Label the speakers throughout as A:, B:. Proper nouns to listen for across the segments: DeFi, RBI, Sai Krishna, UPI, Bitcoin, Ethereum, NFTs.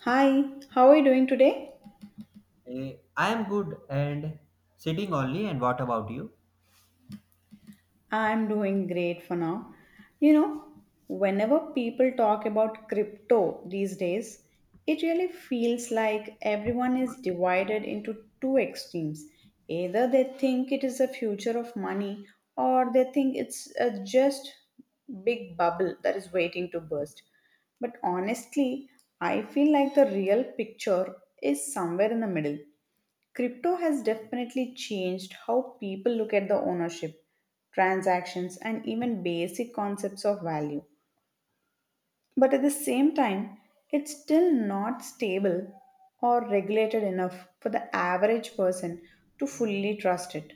A: Hi, how are you doing today?
B: I am good and sitting only. And what about you?
A: I'm doing great for now. You know, whenever people talk about crypto these days, it really feels like everyone is divided into two extremes. Either they think it is the future of money, or they think it's a just big bubble that is waiting to burst. But honestly, I feel like the real picture is somewhere in the middle. Crypto has definitely changed how people look at the ownership, transactions, and even basic concepts of value. But at the same time, it's still not stable or regulated enough for the average person to fully trust it.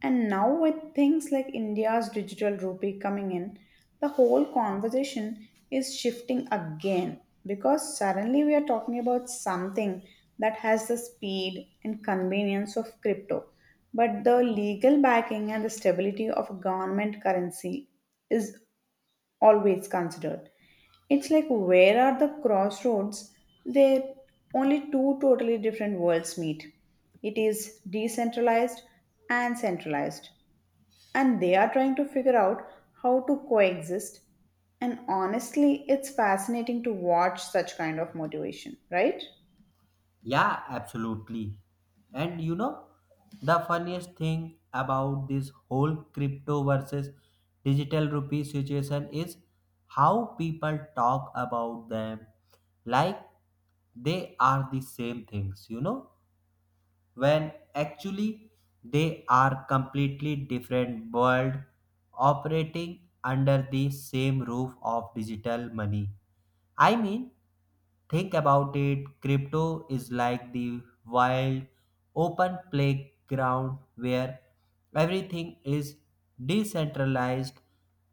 A: And now, with things like India's digital rupee coming in, the whole conversation is shifting again because suddenly we are talking about something that has the speed and convenience of crypto, but the legal backing and the stability of a government currency is always considered. It's like where are the crossroads? There only two totally different worlds meet. It is decentralized and centralized and they are trying to figure out how to coexist, and honestly it's fascinating to watch such kind of motivation, right?
B: Yeah, absolutely. And you know, the funniest thing about this whole crypto versus digital rupee situation is how people talk about them like they are the same things, you know, when actually they are completely different world operating under the same roof of digital money. I mean, think about it, crypto is like the wild open playground where everything is decentralized,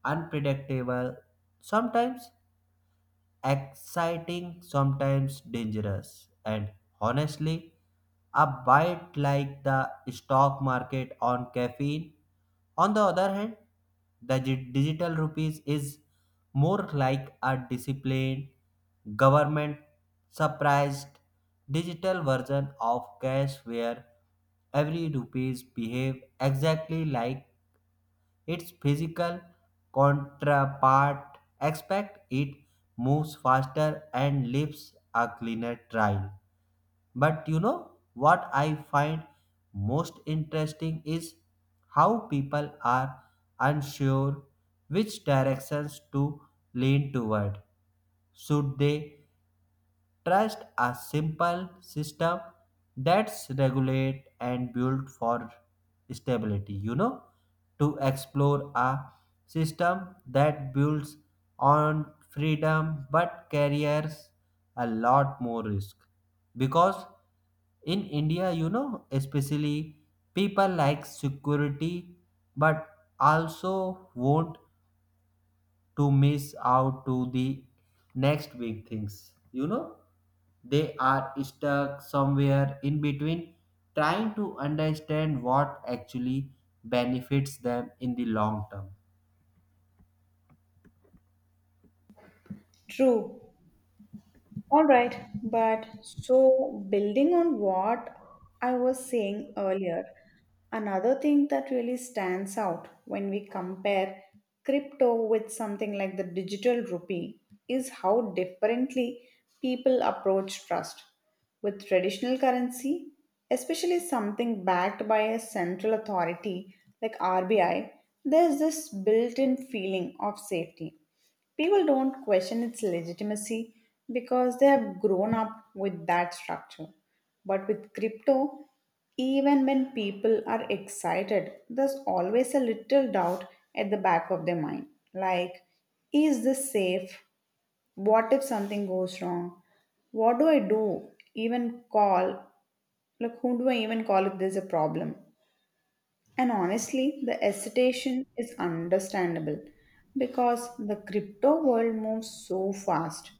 B: unpredictable, sometimes exciting, sometimes dangerous, and honestly a bite like the stock market on caffeine. On the other hand, the digital rupees is more like a disciplined government surprised digital version of cash where every rupees behave exactly like its physical counterpart, expect it moves faster and leaves a cleaner trail. But you know what I find most interesting is how people are unsure which directions to lean toward. Should they trust a simple system that's regulate and built for stability, you know, to explore a system that builds on freedom but carries a lot more risk? Because in India, you know, especially, people like security but also want to miss out to the next big things. They are stuck somewhere in between trying to understand what actually benefits them in the long term.
A: True. All right, but so building on what I was saying earlier, another thing that really stands out when we compare crypto with something like the digital rupee is how differently people approach trust. With traditional currency, especially something backed by a central authority like RBI, there's this built in feeling of safety. People don't question its legitimacy because they have grown up with that structure. But with crypto, even when people are excited, there's always a little doubt at the back of their mind. Like, is this safe? What if something goes wrong? What do I do? Even call? Like, who do I even call if there's a problem? And honestly, the hesitation is understandable because the crypto world moves so fast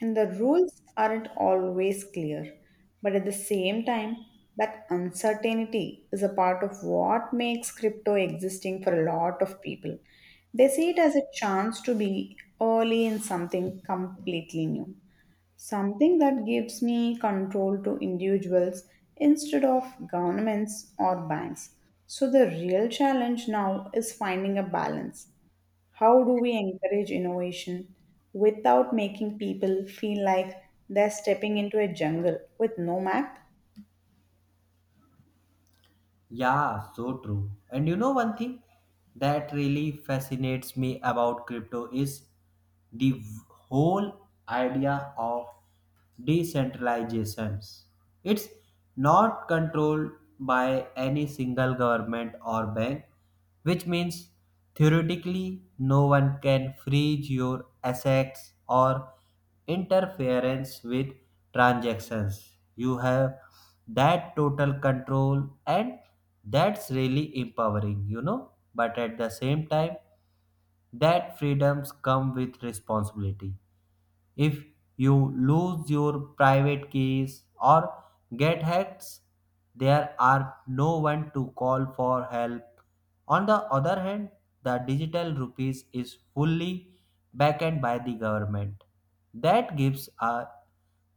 A: and the rules aren't always clear. But at the same time, that uncertainty is a part of what makes crypto existing for a lot of people. They see it as a chance to be early in something completely new, something that gives me control to individuals instead of governments or banks. So, the real challenge now is finding a balance. How do we encourage innovation without making people feel like they're stepping into a jungle with no map?
B: Yeah, so true. And you know, one thing that really fascinates me about crypto is the whole idea of decentralizations. It's not controlled by any single government or bank, which means theoretically no one can freeze your assets or interference with transactions. You have that total control, and that's really empowering, you know. But at the same time, that freedoms come with responsibility. If you lose your private keys or get hacked, there are no one to call for help. On the other hand, the digital rupees is fully backed by the government. That gives a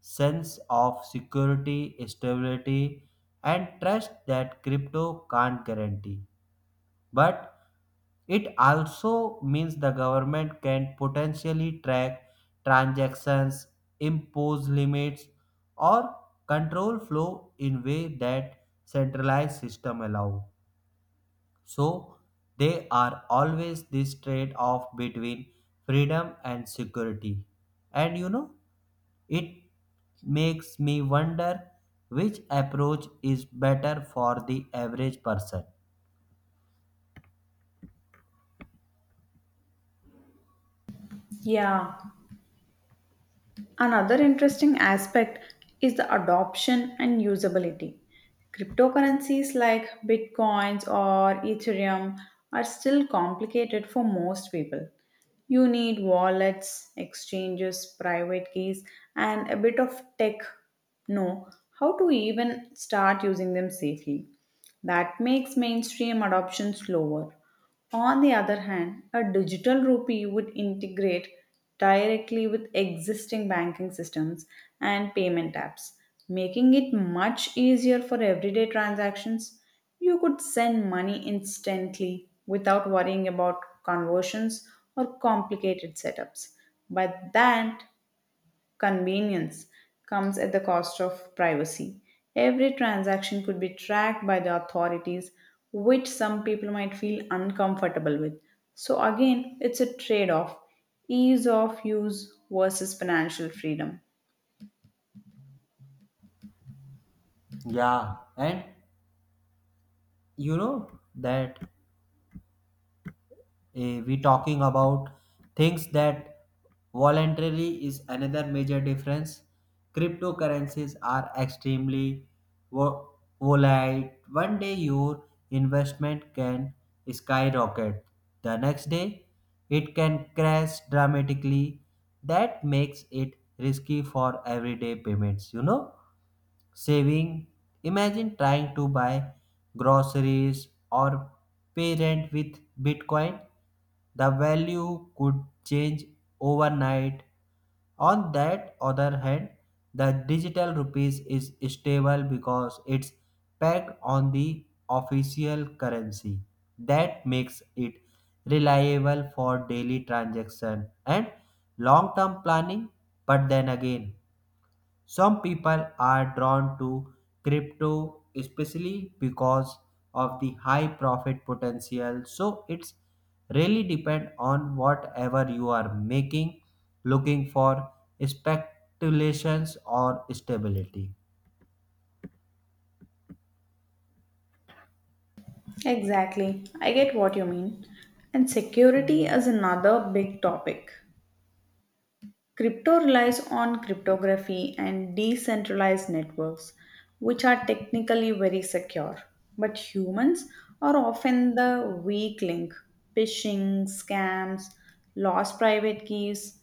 B: sense of security, stability, and trust that crypto can't guarantee. But it also means the government can potentially track transactions, impose limits, or control flow in way that centralized system allow. So they are always this trade-off between freedom and security. And you know, it makes me wonder which approach is better for the average person.
A: Yeah. Another interesting aspect is the adoption and usability. Cryptocurrencies like Bitcoins or Ethereum are still complicated for most people. You need wallets, exchanges, private keys, and a bit of tech know how to even start using them safely. That makes mainstream adoption slower. On the other hand, a digital rupee would integrate directly with existing banking systems and payment apps, making it much easier for everyday transactions. You could send money instantly without worrying about conversions or complicated setups. But that convenience comes at the cost of privacy. Every transaction could be tracked by the authorities, which some people might feel uncomfortable with. So, again, it's a trade off, ease of use versus financial freedom.
B: Yeah, and you know that we talking about things that voluntarily is another major difference. Cryptocurrencies are extremely vo- volatile. One day your investment can skyrocket, the next day it can crash dramatically. That makes it risky for everyday payments, you know, saving. Imagine trying to buy groceries or pay rent with Bitcoin. The value could change overnight. On that other hand, the digital rupees is stable because it's pegged on the official currency. That makes it reliable for daily transaction and long term planning. But then again, some people are drawn to crypto especially because of the high profit potential. So it's really depend on whatever you are making, looking for speculations or stability.
A: Exactly, I get what you mean. And security is another big topic. Crypto relies on cryptography and decentralized networks, which are technically very secure. But humans are often the weak link. Phishing, scams, lost private keys,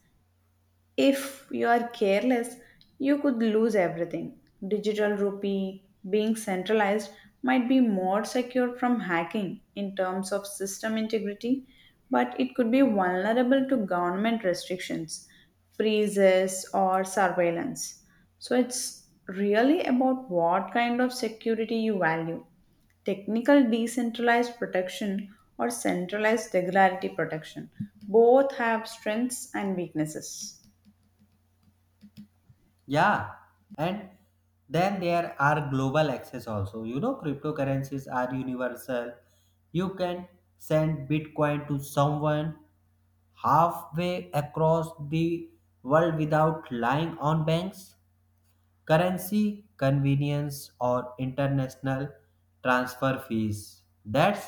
A: if you are careless, you could lose everything. Digital rupee being centralized might be more secure from hacking in terms of system integrity, but it could be vulnerable to government restrictions, freezes, or surveillance. So it's really about what kind of security you value, technical decentralized protection or centralized regularity protection. Both have strengths and weaknesses.
B: Yeah, and then there are global access also. You know, cryptocurrencies are universal. You can send Bitcoin to someone halfway across the world without relying on banks, currency convenience, or international transfer fees. That's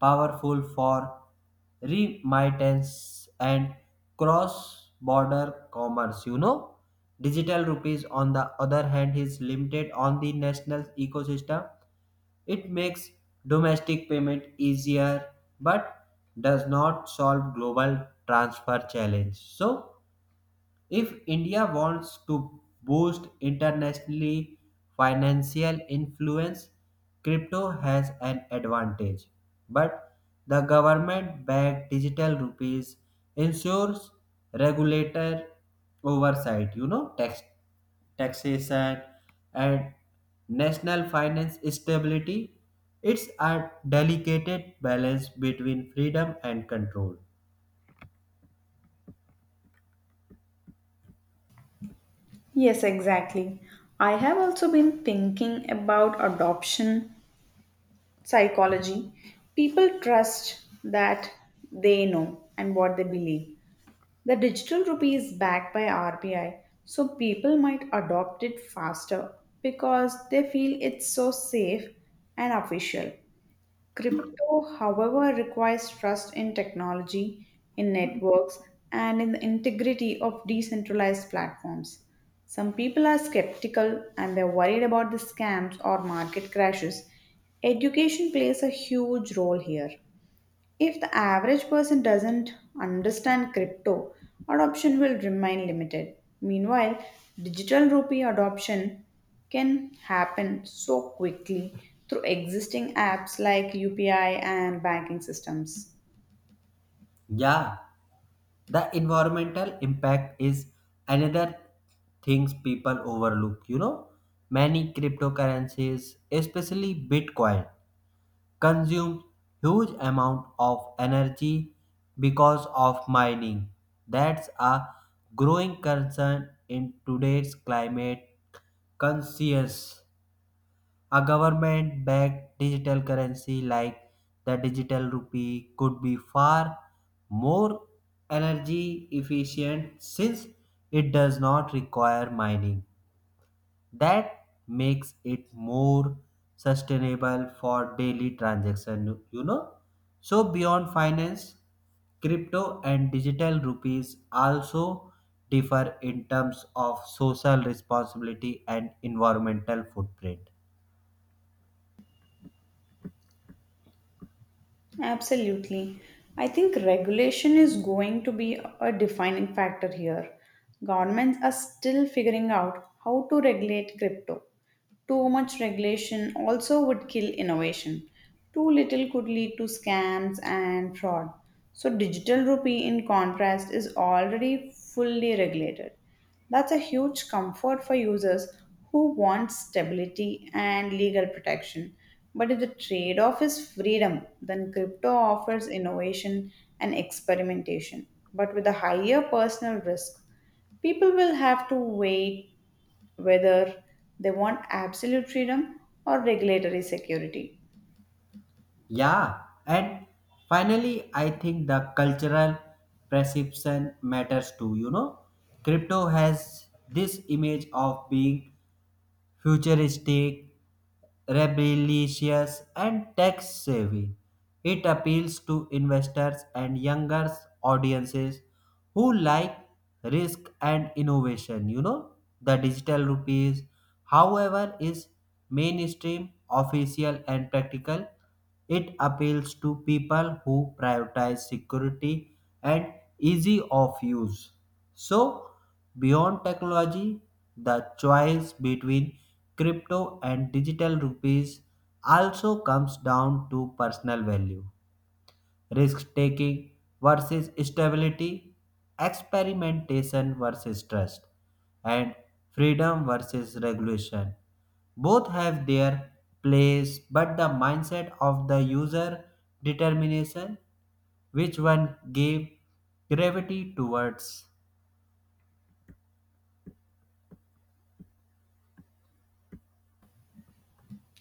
B: powerful for remittance and cross border commerce. You know, digital rupees, on the other hand, is limited on the national ecosystem. It makes domestic payment easier but does not solve global transfer challenge. So if India wants to boost internationally financial influence, crypto has an advantage. But the government backed digital rupees ensures regulator oversight, you know, taxation and national finance stability. It's a delicate balance between freedom and control.
A: Yes, exactly. I have also been thinking about adoption psychology. People trust that they know and what they believe. The digital rupee is backed by RBI, so people might adopt it faster because they feel it's so safe and official. Crypto, however, requires trust in technology, in networks, and in the integrity of decentralized platforms. Some people are skeptical and they're worried about the scams or market crashes. Education plays a huge role here. If the average person doesn't understand crypto, adoption will remain limited. Meanwhile, digital rupee adoption can happen so quickly through existing apps like UPI and banking systems.
B: Yeah, the environmental impact is another things people overlook. You know, many cryptocurrencies, especially Bitcoin, consume huge amount of energy because of mining. That's a growing concern in today's climate conscious. A government backed digital currency like the digital rupee could be far more energy efficient since it does not require mining. That makes it more sustainable for daily transaction, you know. So beyond finance, crypto and digital rupees also differ in terms of social responsibility and environmental footprint.
A: Absolutely. I think regulation is going to be a defining factor here. Governments are still figuring out how to regulate crypto. Too much regulation also would kill innovation. Too little could lead to scams and fraud. So, digital rupee, in contrast, is already fully regulated. That's a huge comfort for users who want stability and legal protection. But if the trade off is freedom, then crypto offers innovation and experimentation, but with a higher personal risk. People will have to weigh whether they want absolute freedom or regulatory security.
B: Yeah, and finally, I think the cultural perception matters too. You know, crypto has this image of being futuristic, rebellious, and tech savvy. It appeals to investors and younger audiences who like risk and innovation. You know, the digital rupees, however, is mainstream, official, and practical. It appeals to people who prioritize security and easy of use. So, beyond technology, the choice between crypto and digital rupees also comes down to personal value, risk taking versus stability, experimentation versus trust, and freedom versus regulation. Both have their place, but the mindset of the user determination which one gave gravity towards.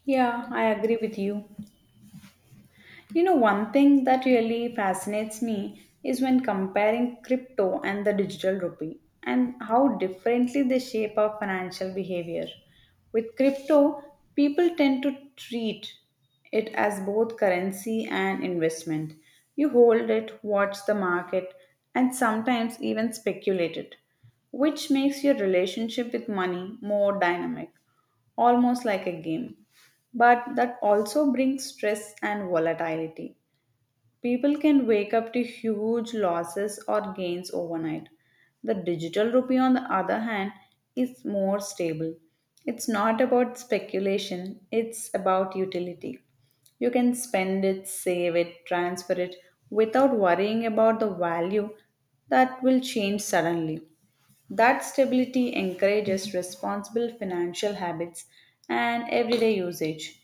A: Yeah, I agree with you. You know, one thing that really fascinates me is when comparing crypto and the digital rupee and how differently they shape our financial behavior. With crypto, people tend to treat it as both currency and investment. You hold it, watch the market, and sometimes even speculate it, which makes your relationship with money more dynamic, almost like a game, but that also brings stress and volatility. People can wake up to huge losses or gains overnight. The digital rupee, on the other hand, is more stable. It's not about speculation, it's about utility. You can spend it, save it, transfer it without worrying about the value that will change suddenly. That stability encourages responsible financial habits and everyday usage.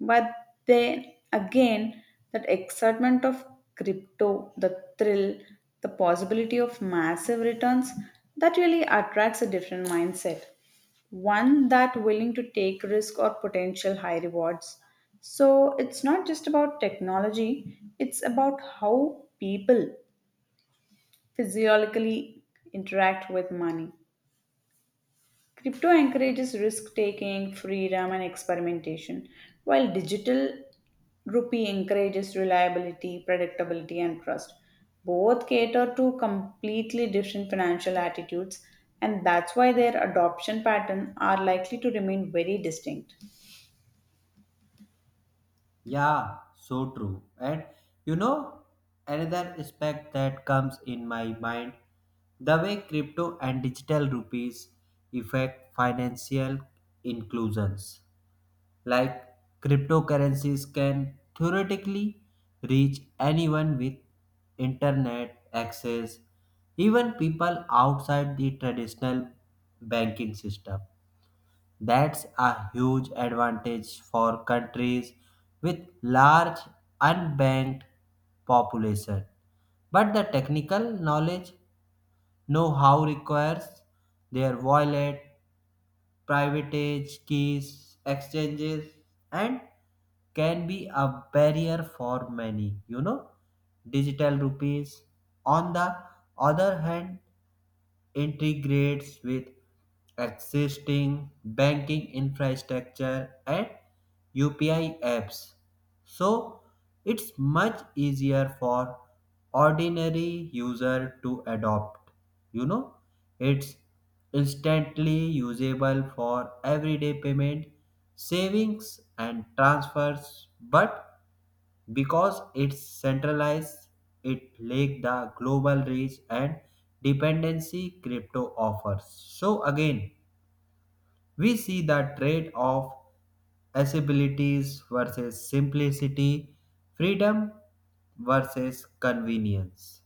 A: But then again, that excitement of crypto, the thrill, the possibility of massive returns, that really attracts a different mindset. One that willing to take risk or potential high rewards. So it's not just about technology, it's about how people physiologically interact with money. Crypto encourages risk taking, freedom, and experimentation, while digital rupee encourages reliability, predictability, and trust. Both cater to completely different financial attitudes, and that's why their adoption patterns are likely to remain very distinct.
B: Yeah, so true. And you know, another aspect that comes in my mind the way crypto and digital rupees affect financial inclusions. Like cryptocurrencies can theoretically reach anyone with internet access, even people outside the traditional banking system. That's a huge advantage for countries with large unbanked population. But the technical knowledge know-how requires their wallet, private age, keys, exchanges, and can be a barrier for many. You know, digital rupees. On the other hand, integrates with existing banking infrastructure and UPI apps. So it's much easier for ordinary user to adopt. You know, it's instantly usable for everyday payment, savings and transfers, but because it's centralized, it lack the global reach and dependency crypto offers. So again, we see the trade off, accessibilities versus simplicity, freedom versus convenience.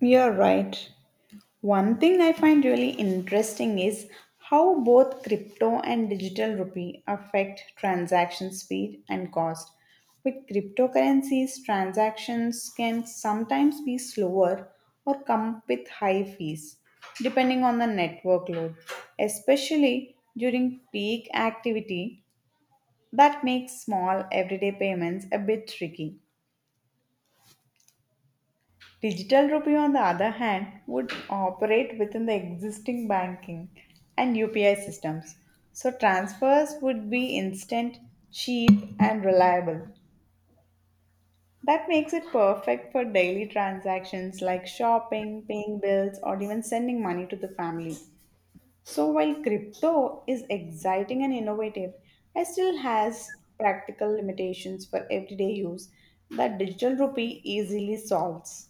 A: You're right. One thing I find really interesting is how both crypto and digital rupee affect transaction speed and cost. With cryptocurrencies, transactions can sometimes be slower or come with high fees, depending on the network load, especially during peak activity. That makes small everyday payments a bit tricky. Digital rupee, on the other hand, would operate within the existing banking and UPI systems. So transfers would be instant, cheap, and reliable. That makes it perfect for daily transactions like shopping, paying bills, or even sending money to the family. So while crypto is exciting and innovative, it still has practical limitations for everyday use that digital rupee easily solves.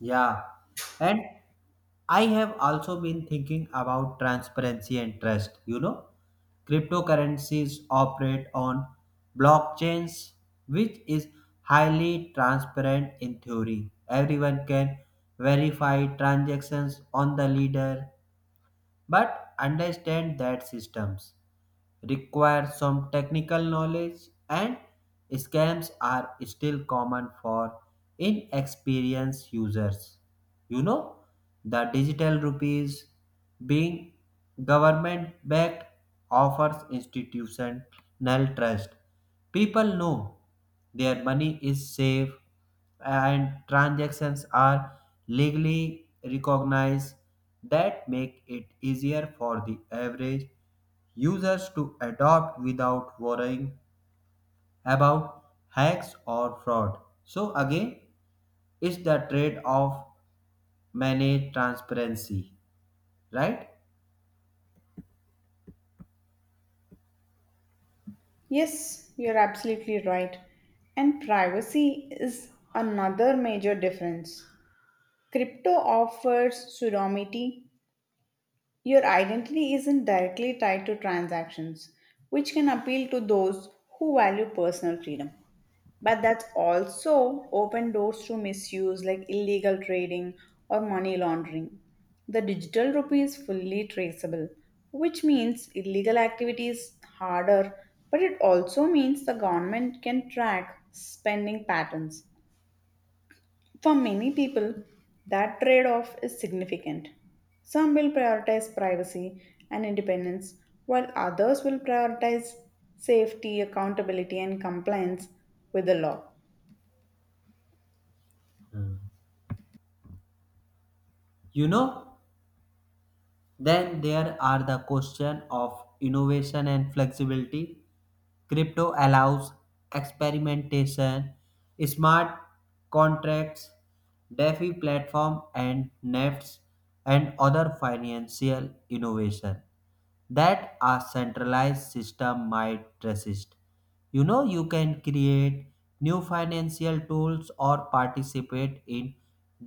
B: Yeah. And I have also been thinking about transparency and trust. You know, cryptocurrencies operate on blockchains, which is highly transparent in theory. Everyone can verify transactions on the leader, but understand that systems require some technical knowledge, and scams are still common for inexperienced users. You know, the digital rupees being government backed offers institutional trust. People know their money is safe and transactions are legally recognized, that make it easier for the average users to adopt without worrying about hacks or fraud. So again, it's the trade-off manage transparency, right?
A: Yes, you're absolutely right. And privacy is another major difference. Crypto offers pseudonymity. Your identity isn't directly tied to transactions, which can appeal to those who value personal freedom. But that also opened doors to misuse like illegal trading or money laundering. The digital rupee is fully traceable, which means illegal activity is harder, but it also means the government can track spending patterns. For many people, that trade off is significant. Some will prioritize privacy and independence, while others will prioritize safety, accountability, and compliance with the law.
B: You know, then there are the question of innovation and flexibility. Crypto allows experimentation, smart contracts, DeFi platform and NEFTs and other financial innovation that a centralized system might resist. You know, you can create new financial tools or participate in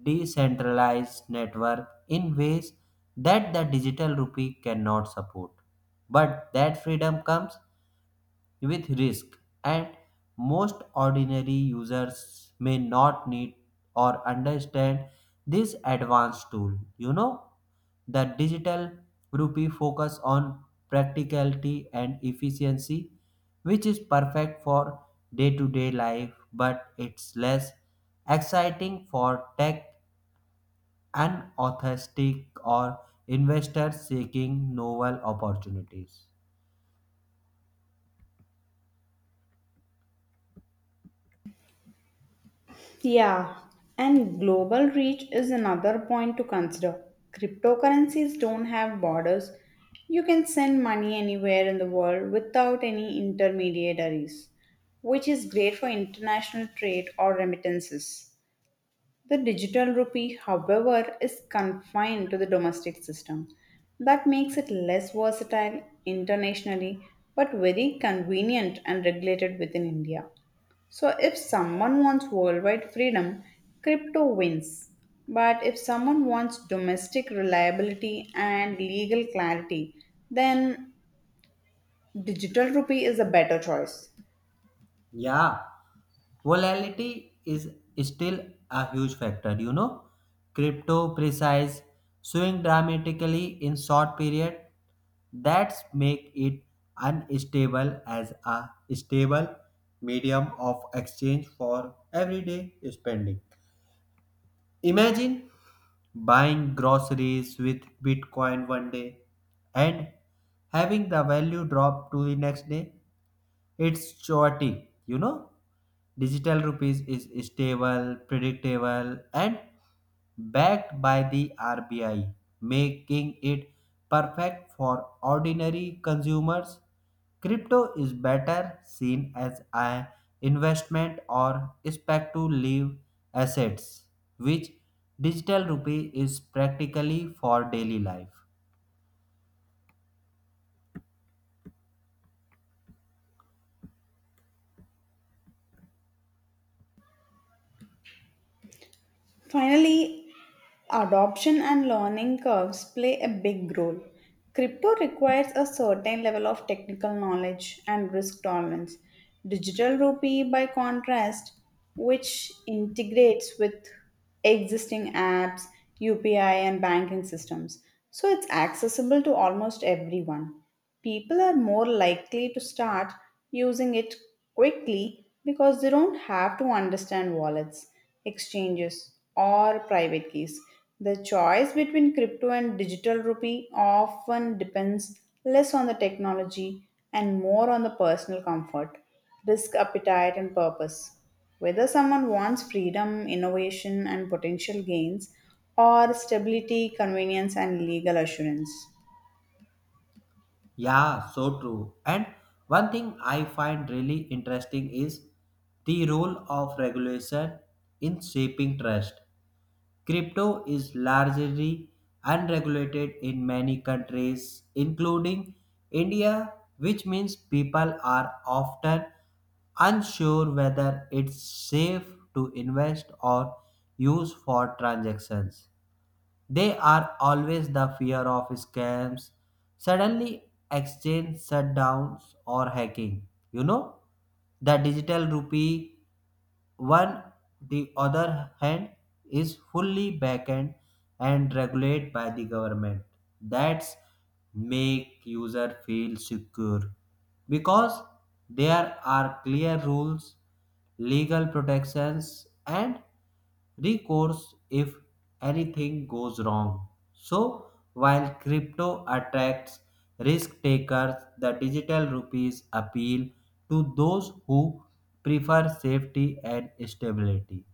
B: decentralized network in ways that the digital rupee cannot support. But that freedom comes with risk, and most ordinary users may not need or understand this advanced tool. You know, the digital rupee focus on practicality and efficiency, which is perfect for day-to-day life, but it's less exciting for tech and enthusiastic or investors seeking novel opportunities.
A: Yeah, and global reach is another point to consider. Cryptocurrencies don't have borders. You can send money anywhere in the world without any intermediaries, which is great for international trade or remittances. The digital rupee, however, is confined to the domestic system. That makes it less versatile internationally, but very convenient and regulated within India. So, if someone wants worldwide freedom, crypto wins. But if someone wants domestic reliability and legal clarity, then digital rupee is a better choice.
B: Yeah, volatility is still a huge factor, you know. Crypto precise swing dramatically in short period, that's make it unstable as a stable medium of exchange for everyday spending. Imagine buying groceries with Bitcoin one day and having the value drop to the next day, it's chaotic, you know. Digital rupees is stable, predictable, and backed by the RBI, making it perfect for ordinary consumers. Crypto is better seen as an investment or speculative assets, which digital rupee is practically for daily life.
A: Finally, adoption and learning curves play a big role. Crypto requires a certain level of technical knowledge and risk tolerance. Digital rupee, by contrast, which integrates with existing apps, UPI, and banking systems, so it's accessible to almost everyone. People are more likely to start using it quickly because they don't have to understand wallets, exchanges, or private keys. The choice between crypto and digital rupee often depends less on the technology and more on the personal comfort, risk appetite, and purpose. Whether someone wants freedom, innovation, and potential gains, or stability, convenience, and legal assurance.
B: Yeah, so true. And one thing I find really interesting is the role of regulation in shaping trust. Crypto is largely unregulated in many countries, including India, which means people are often unsure whether it's safe to invest or use for transactions. They are always the fear of scams, suddenly exchange shutdowns or hacking. You know, the digital rupee, one the other hand, is fully backed and regulated by the government. That's make user feel secure because there are clear rules, legal protections, and recourse if anything goes wrong. So, while crypto attracts risk takers, the digital rupees appeal to those who prefer safety and stability.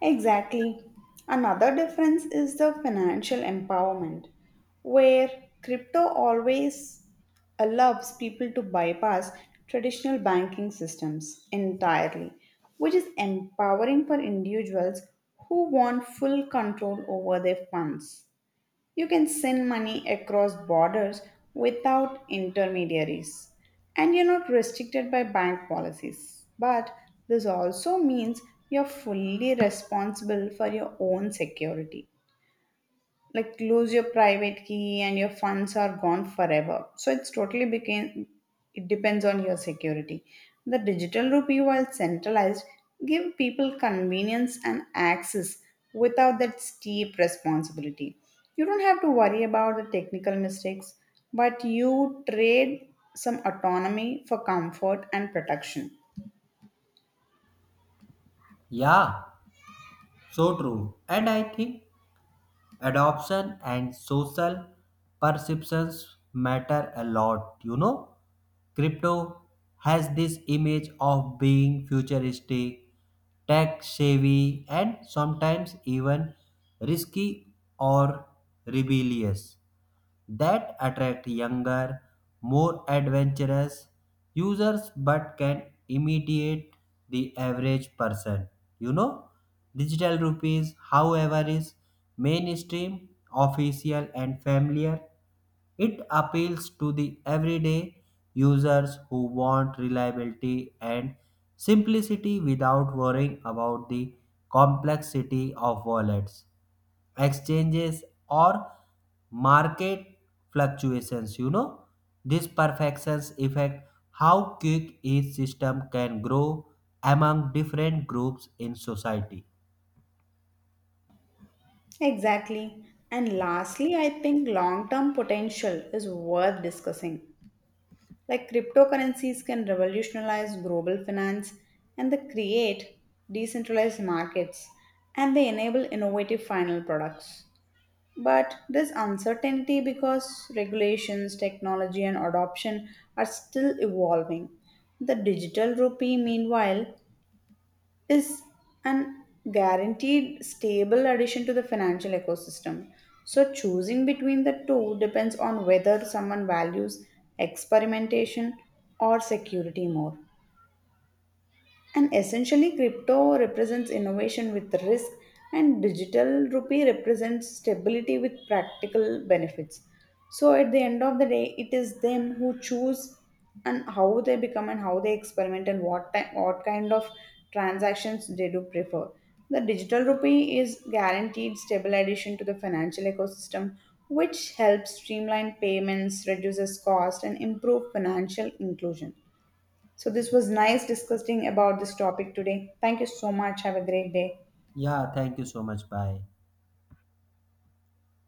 A: Exactly. Another difference is the financial empowerment, where crypto always allows people to bypass traditional banking systems entirely, which is empowering for individuals who want full control over their funds. You can send money across borders without intermediaries, and you're not restricted by bank policies. But this also means you're fully responsible for your own security, like lose your private key and your funds are gone forever, so it's totally became, it depends on your security. The digital rupee, while centralized, give people convenience and access without that steep responsibility. You don't have to worry about the technical mistakes, but you trade some autonomy for comfort and protection.
B: Yeah, so true. And I think adoption and social perceptions matter a lot. You know, crypto has this image of being futuristic, tech savvy, and sometimes even risky or rebellious, that attract younger, more adventurous users but can imitate the average person. You know, digital rupees, however, is mainstream, official, and familiar. It appeals to the everyday users who want reliability and simplicity without worrying about the complexity of wallets, exchanges or market fluctuations, you know, this perfections affect how quick each system can grow among different groups in society.
A: Exactly. And lastly, I think long term potential is worth discussing. Like cryptocurrencies can revolutionize global finance and they create decentralized markets and they enable innovative final products. But there's uncertainty because regulations, technology, and adoption are still evolving. The digital rupee, meanwhile, is an guaranteed stable addition to the financial ecosystem. So, choosing between the two depends on whether someone values experimentation or security more. And essentially, crypto represents innovation with risk, and digital rupee represents stability with practical benefits. So, at the end of the day, it is them who choose and how they become and how they experiment and what time, what kind of transactions they do prefer. The digital rupee is guaranteed stable addition to the financial ecosystem, which helps streamline payments, reduces cost, and improve financial inclusion. So this was nice discussing about this topic today. Thank you so much. Have a great day.
B: Yeah, thank you so much, bye.